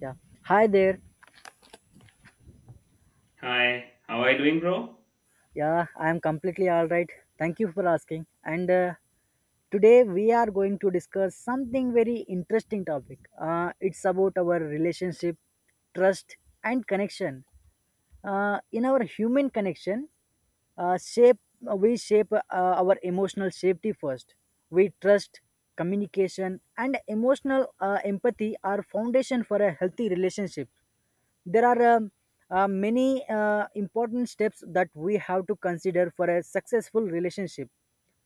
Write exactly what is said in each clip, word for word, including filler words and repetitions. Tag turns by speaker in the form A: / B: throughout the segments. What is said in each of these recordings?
A: Yeah. Hi there.
B: Hi, how are you doing, bro?
A: Yeah, I am completely all right. Thank you for asking. And uh, Today we are going to discuss something very interesting topic. Uh, it's about our relationship, trust, and connection. Uh, in our human connection, uh, shape uh, we shape uh, our emotional safety first. We trust. Communication and emotional uh, empathy are foundation for a healthy relationship. There are um, uh, many uh, important steps that we have to consider for a successful relationship.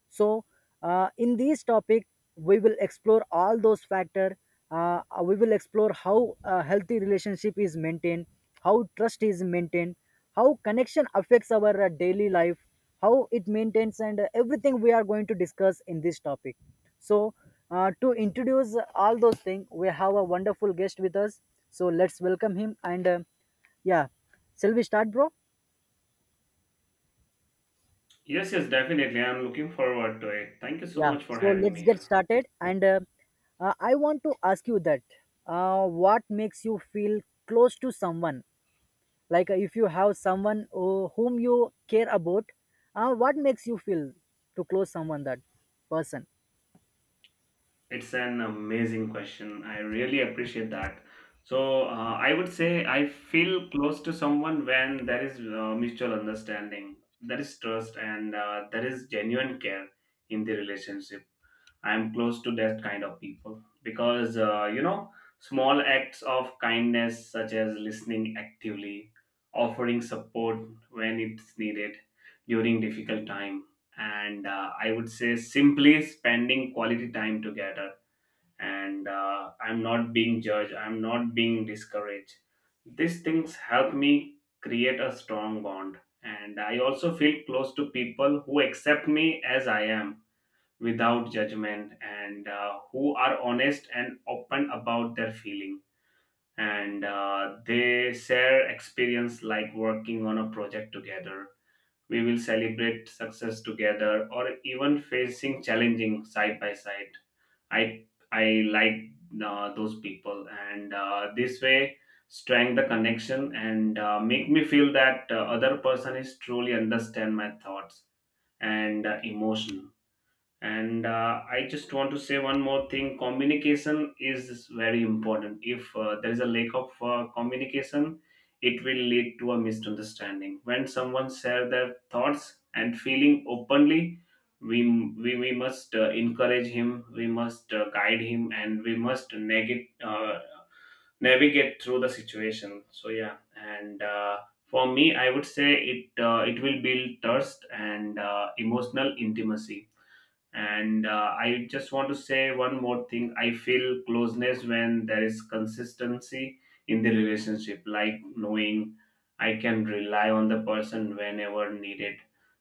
A: So uh, in this topic we will explore all those factor. Uh, we will explore how a healthy relationship is maintained, how trust is maintained, how connection affects our uh, daily life, how it maintains, and uh, everything we are going to discuss in this topic. So uh, to introduce all those things we have a wonderful guest with us. So let's welcome him and uh, yeah. Shall we start, bro?
B: Yes, yes, definitely. I'm looking forward to it. Thank you so
A: Yeah,
B: much for
A: so
B: having
A: let's
B: me
A: get
B: here.
A: started. And uh, uh, I want to ask you that uh, what makes you feel close to someone? Like uh, if you have someone uh, whom you care about, uh, what makes you feel to close someone that person?
B: It's an amazing question. I really appreciate that. So, uh, I would say I feel close to someone when there is uh, mutual understanding, there is trust, and uh, there is genuine care in the relationship. I'm close to that kind of people because, uh, you know, small acts of kindness, such as listening actively, offering support when it's needed during difficult time, and uh, I would say simply spending quality time together. And uh, I'm not being judged, I'm not being discouraged. These things help me create a strong bond. And I also feel close to people who accept me as I am without judgment, and uh, who are honest and open about their feeling, and uh, they share experience like working on a project together. We will celebrate success together or even facing challenging side by side. I i like uh, those people, and uh, this way strengthen the connection and uh, make me feel that uh, other person is truly understand my thoughts and uh, emotion. And uh, I just want to say one more thing: communication is very important. If uh, there is a lack of uh, communication, it will lead to a misunderstanding. When someone share their thoughts and feeling openly, we we, we must uh, encourage him, we must uh, guide him, and we must navigate uh, navigate through the situation. So yeah, and uh, for me I would say it uh, it will build trust and uh, emotional intimacy. And uh, I just want to say one more thing. I feel closeness when there is consistency in the relationship, like knowing I can rely on the person whenever needed.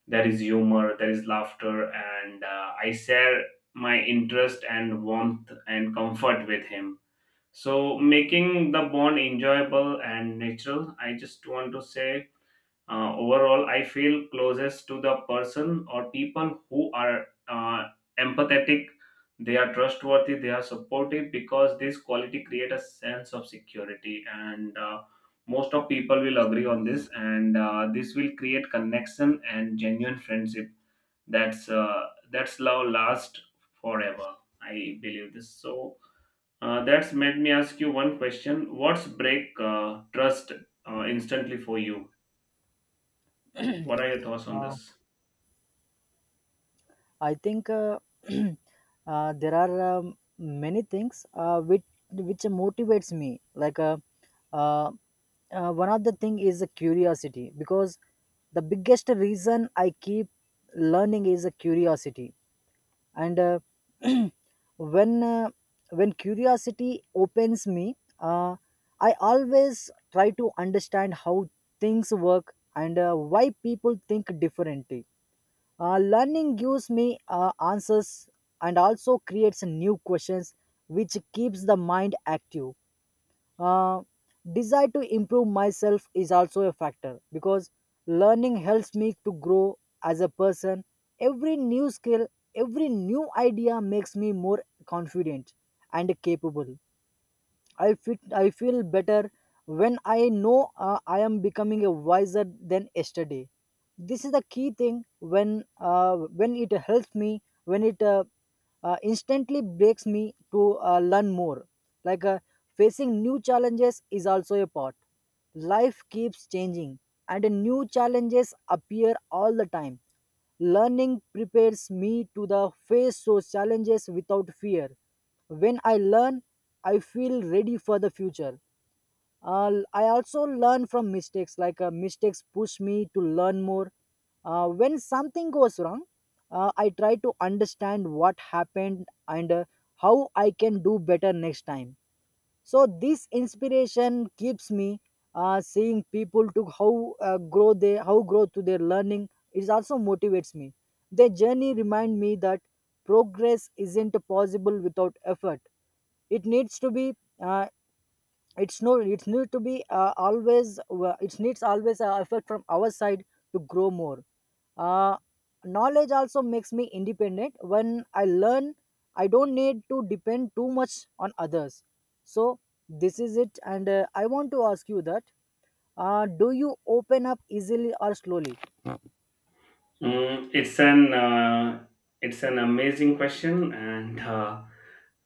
B: There is humor, there is laughter, and uh, I share my interest and warmth and comfort with him. So, making the bond enjoyable and natural, I just want to say uh, overall, I feel closest to the person or people who are uh, empathetic, they are trustworthy, they are supportive because this quality create a sense of security. And uh, most of people will agree on this, and uh, this will create connection and genuine friendship. That's uh, that's love last forever. I believe this. So uh, that's made me ask you one question: what's break uh, trust uh, instantly for you? What are your thoughts on
A: Uh,
B: this?
A: I think uh, uh, there are um, many things uh, which which motivates me. Like uh, uh, uh, one of the thing is a curiosity, because the biggest reason I keep learning is a curiosity, and uh, when uh, when curiosity opens me, uh, I always try to understand how things work and uh, why people think differently. Uh, learning gives me uh, answers and also creates new questions, which keeps the mind active. Uh, desire to improve myself is also a factor, because learning helps me to grow as a person. Every new skill, every new idea makes me more confident and capable. I fit I feel better when I know uh, I am becoming a wiser than yesterday. This is the key thing when uh, when it helps me when it uh, uh, instantly breaks me to uh, learn more. Like uh, facing new challenges is also a part. Life keeps changing and new challenges appear all the time. Learning prepares me to the face those challenges without fear. When I learn, I feel ready for the future. Uh, I also learn from mistakes. Like uh, mistakes push me to learn more. Uh, when something goes wrong, uh, I try to understand what happened and uh, how I can do better next time. So this inspiration keeps me uh, seeing people to how uh, grow they how grow to their learning. It also motivates me. Their journey remind me that progress isn't possible without effort. It needs to be uh, it's no It need to be uh, always uh, it needs always uh, effort from our side to grow more. Uh, knowledge also makes me independent. When I learn, I don't need to depend too much on others. So this is it, and uh, I want to ask you that uh, do you open up easily or slowly?
B: Mm, it's an uh, it's an amazing question, and uh,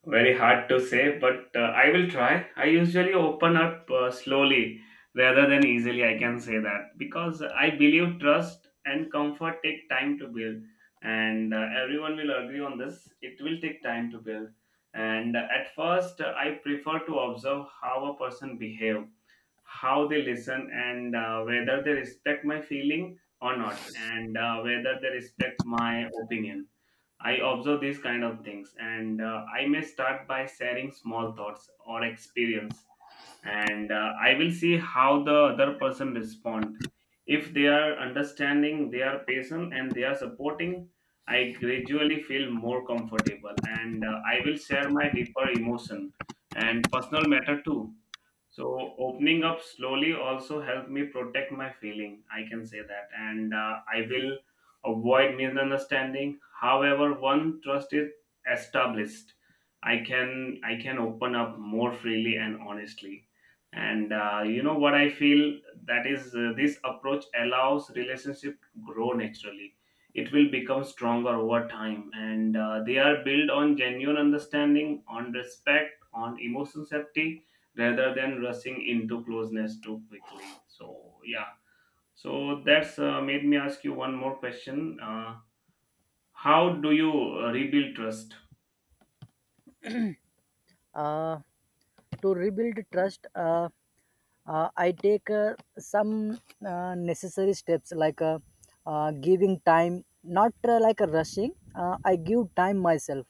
B: very hard to say, but uh, I will try. I usually open up uh, slowly rather than easily. I can say that because I believe trust and comfort take time to build, and uh, everyone will agree on this. It will take time to build, and uh, at first uh, I prefer to observe how a person behave, how they listen, and uh, whether they respect my feeling or not, and uh, whether they respect my opinion. I observe these kind of things, and uh, I may start by sharing small thoughts or experience, and uh, I will see how the other person respond. If they are understanding, they are patient, and they are supporting, I gradually feel more comfortable, and uh, I will share my deeper emotion and personal matter too. So opening up slowly also helped me protect my feeling. I can say that, and uh, I will avoid misunderstanding. However, one trust is established, I can I can open up more freely and honestly. And uh, you know what I feel that is uh, this approach allows relationship grow naturally. It will become stronger over time, and uh, they are built on genuine understanding, on respect, on emotion safety rather than rushing into closeness too quickly. So yeah, so that's uh, made me ask you one more question. Uh, how do you uh, rebuild trust?
A: Uh, to rebuild trust, uh, uh, I take uh, some uh, necessary steps, like uh, uh, giving time, not uh, like a rushing. Uh, i give time myself.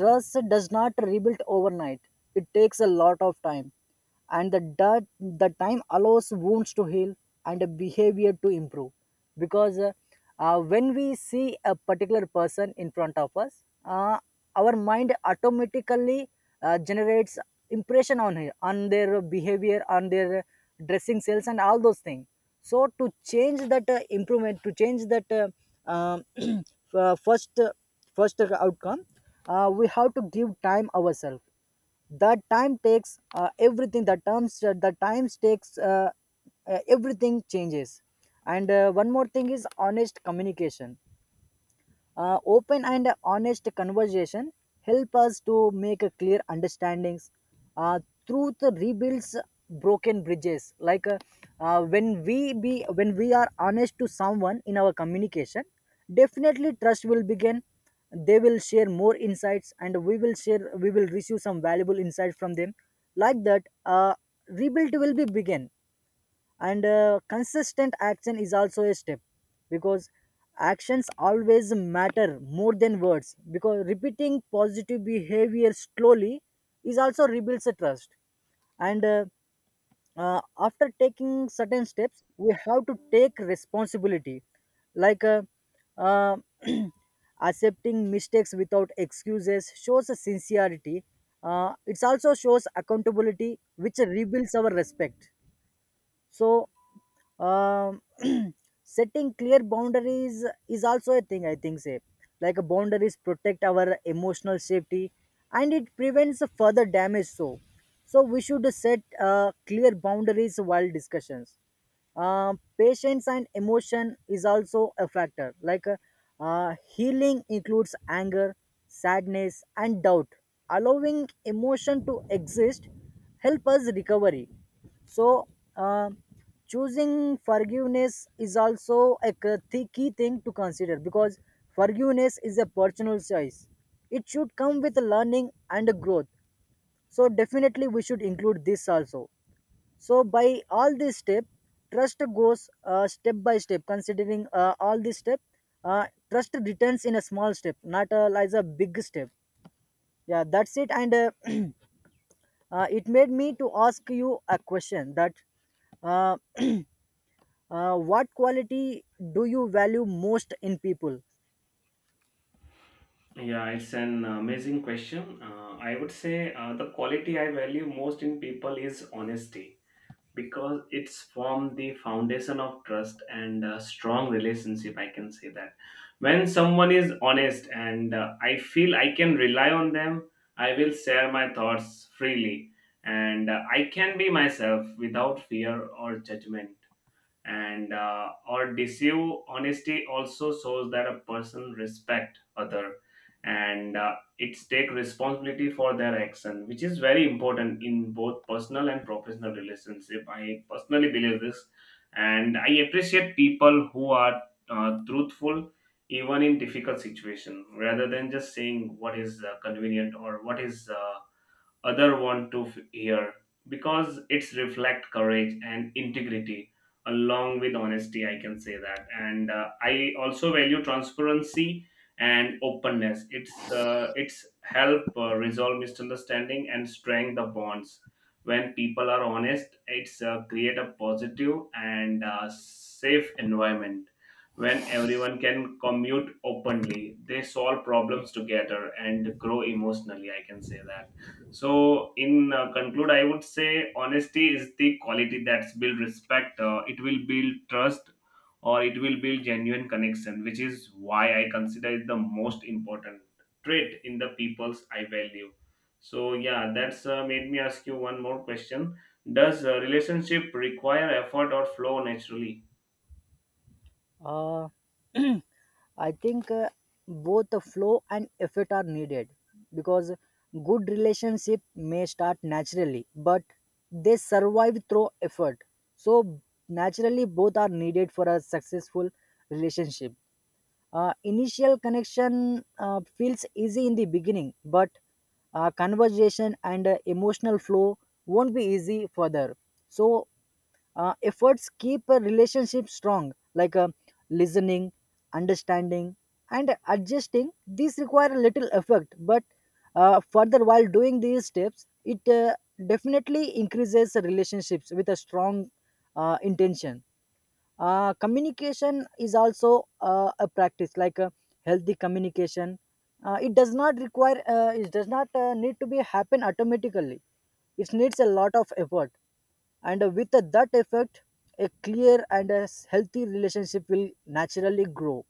A: Trust does not rebuild overnight. It takes a lot of time. And the dirt, the time allows wounds to heal and the behavior to improve. Because uh, uh, when we see a particular person in front of us, uh, our mind automatically uh, generates impression on her, on their behavior, on their dressing sales, and all those things. So to change that uh, improvement, to change that uh, um, uh, first uh, first outcome, uh, we have to give time ourselves. That time takes uh, everything. The terms, uh, the times takes uh, uh, everything changes. And uh, one more thing is honest communication. Uh, open and honest conversation help us to make a clear understandings. Uh, truth rebuilds broken bridges. Like uh, uh, when we be when we are honest to someone in our communication, definitely trust will begin. They will share more insights, and we will share. We will receive some valuable insights from them. Like that, uh, rebuild will be begin, and uh, consistent action is also a step, because actions always matter more than words, because repeating positive behavior slowly is also rebuilds a trust. And uh, uh, after taking certain steps we have to take responsibility, like uh, uh, accepting mistakes without excuses shows a sincerity. Uh, it also shows accountability which rebuilds our respect. So um, setting clear boundaries is also a thing I think say. Like boundaries protect our emotional safety and it prevents further damage. So so we should set uh, clear boundaries while discussions. Um, patience and emotion is also a factor. Like uh, uh, healing includes anger, sadness, and doubt. Allowing emotion to exist help us recovery. So, uh, choosing forgiveness is also a k- thi- key thing to consider, because forgiveness is a personal choice. It should come with learning and growth. So, definitely, we should include this also. So by all these step, trust goes uh, step by step, considering uh, all these step. Uh, trust returns in a small step, not uh, as a big step. Yeah, that's it, and uh, uh, it made me to ask you a question that uh, uh, what quality do you value most in people?
B: Yeah, it's an amazing question. Uh, I would say uh, the quality I value most in people is honesty because it's formed the foundation of trust and a strong relationship, I can say that. When someone is honest, and uh, I feel I can rely on them, I will share my thoughts freely, and uh, I can be myself without fear or judgment, and uh, or deceive. Honesty also shows that a person respect other, and uh, it's take responsibility for their action, which is very important in both personal and professional relationship. I personally believe this, and I appreciate people who are uh, truthful even in difficult situation rather than just saying what is uh, convenient or what is uh, other want to f- hear, because it's reflect courage and integrity. Along with honesty, I can say that, and uh, I also value transparency and openness. It's uh, it's help uh, resolve misunderstanding and strengthen the bonds. When people are honest, it's uh, create a positive and uh, safe environment. When everyone can commute openly, they solve problems together and grow emotionally, I can say that. So, in uh, conclude, I would say honesty is the quality that's build respect. Uh, it will build trust, or it will build genuine connection, which is why I consider it the most important trait in the peoples I value. So, yeah, that's uh, made me ask you one more question. Does uh, relationship require effort or flow naturally?
A: uh, I think uh, both the flow and effort are needed, because good relationship may start naturally, but they survive through effort. So naturally, both are needed for a successful relationship. Uh, initial connection uh, feels easy in the beginning, but uh, conversation and uh, emotional flow won't be easy further. So uh, efforts keep a relationship strong, like uh, listening, understanding, and adjusting. These require a little effort, but uh, further while doing these steps it uh, definitely increases the relationships with a strong uh, intention. Uh, communication is also uh, a practice. Like uh, healthy communication, uh, it does not require uh, it does not uh, need to be happen automatically. It needs a lot of effort, and uh, with uh, that effect a clear and a s- healthy relationship will naturally grow.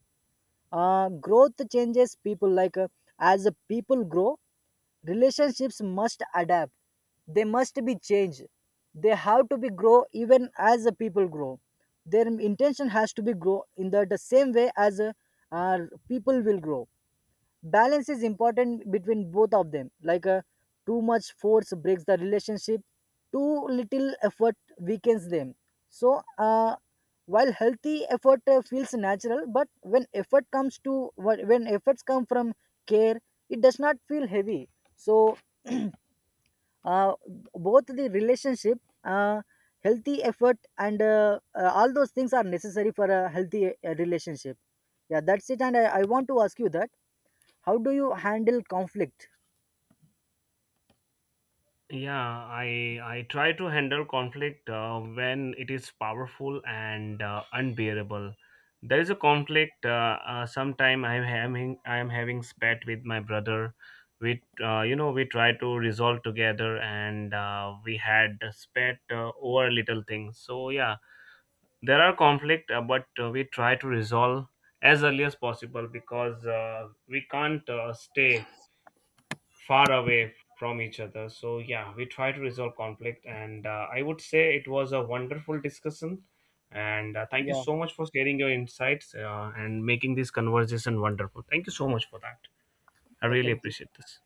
A: Uh, growth changes people. Like uh, as the people grow, relationships must adapt. They must be changed. They have to be grow even as the people grow. Their intention has to be grow in the, the same way as uh, uh, people will grow. Balance is important between both of them. Like uh, too much force breaks the relationship. Too little effort weakens them. So uh, while healthy effort uh, feels natural, but when effort comes to when efforts come from care, it does not feel heavy. So uh, both the relationship uh, healthy effort and uh, uh, all those things are necessary for a healthy uh, relationship. Yeah, that's it, and I, I want to ask you that how do you handle conflict?
B: Yeah, I I try to handle conflict uh, when it is powerful and uh, unbearable. There is a conflict. Uh, uh, sometime I'm having I'm having spat with my brother. We uh, you know we try to resolve together, and uh, we had a spat uh, over little things. So yeah, there are conflict, uh, but uh, we try to resolve as early as possible because uh, we can't uh, stay far away from each other. So yeah, we try to resolve conflict, and uh, I would say it was a wonderful discussion. And uh, thank you
A: Yeah,
B: so much for sharing your insights uh, and making this conversation wonderful. Thank you so much for that. I
A: yeah.
B: really
A: Thank
B: appreciate
A: you.
B: this.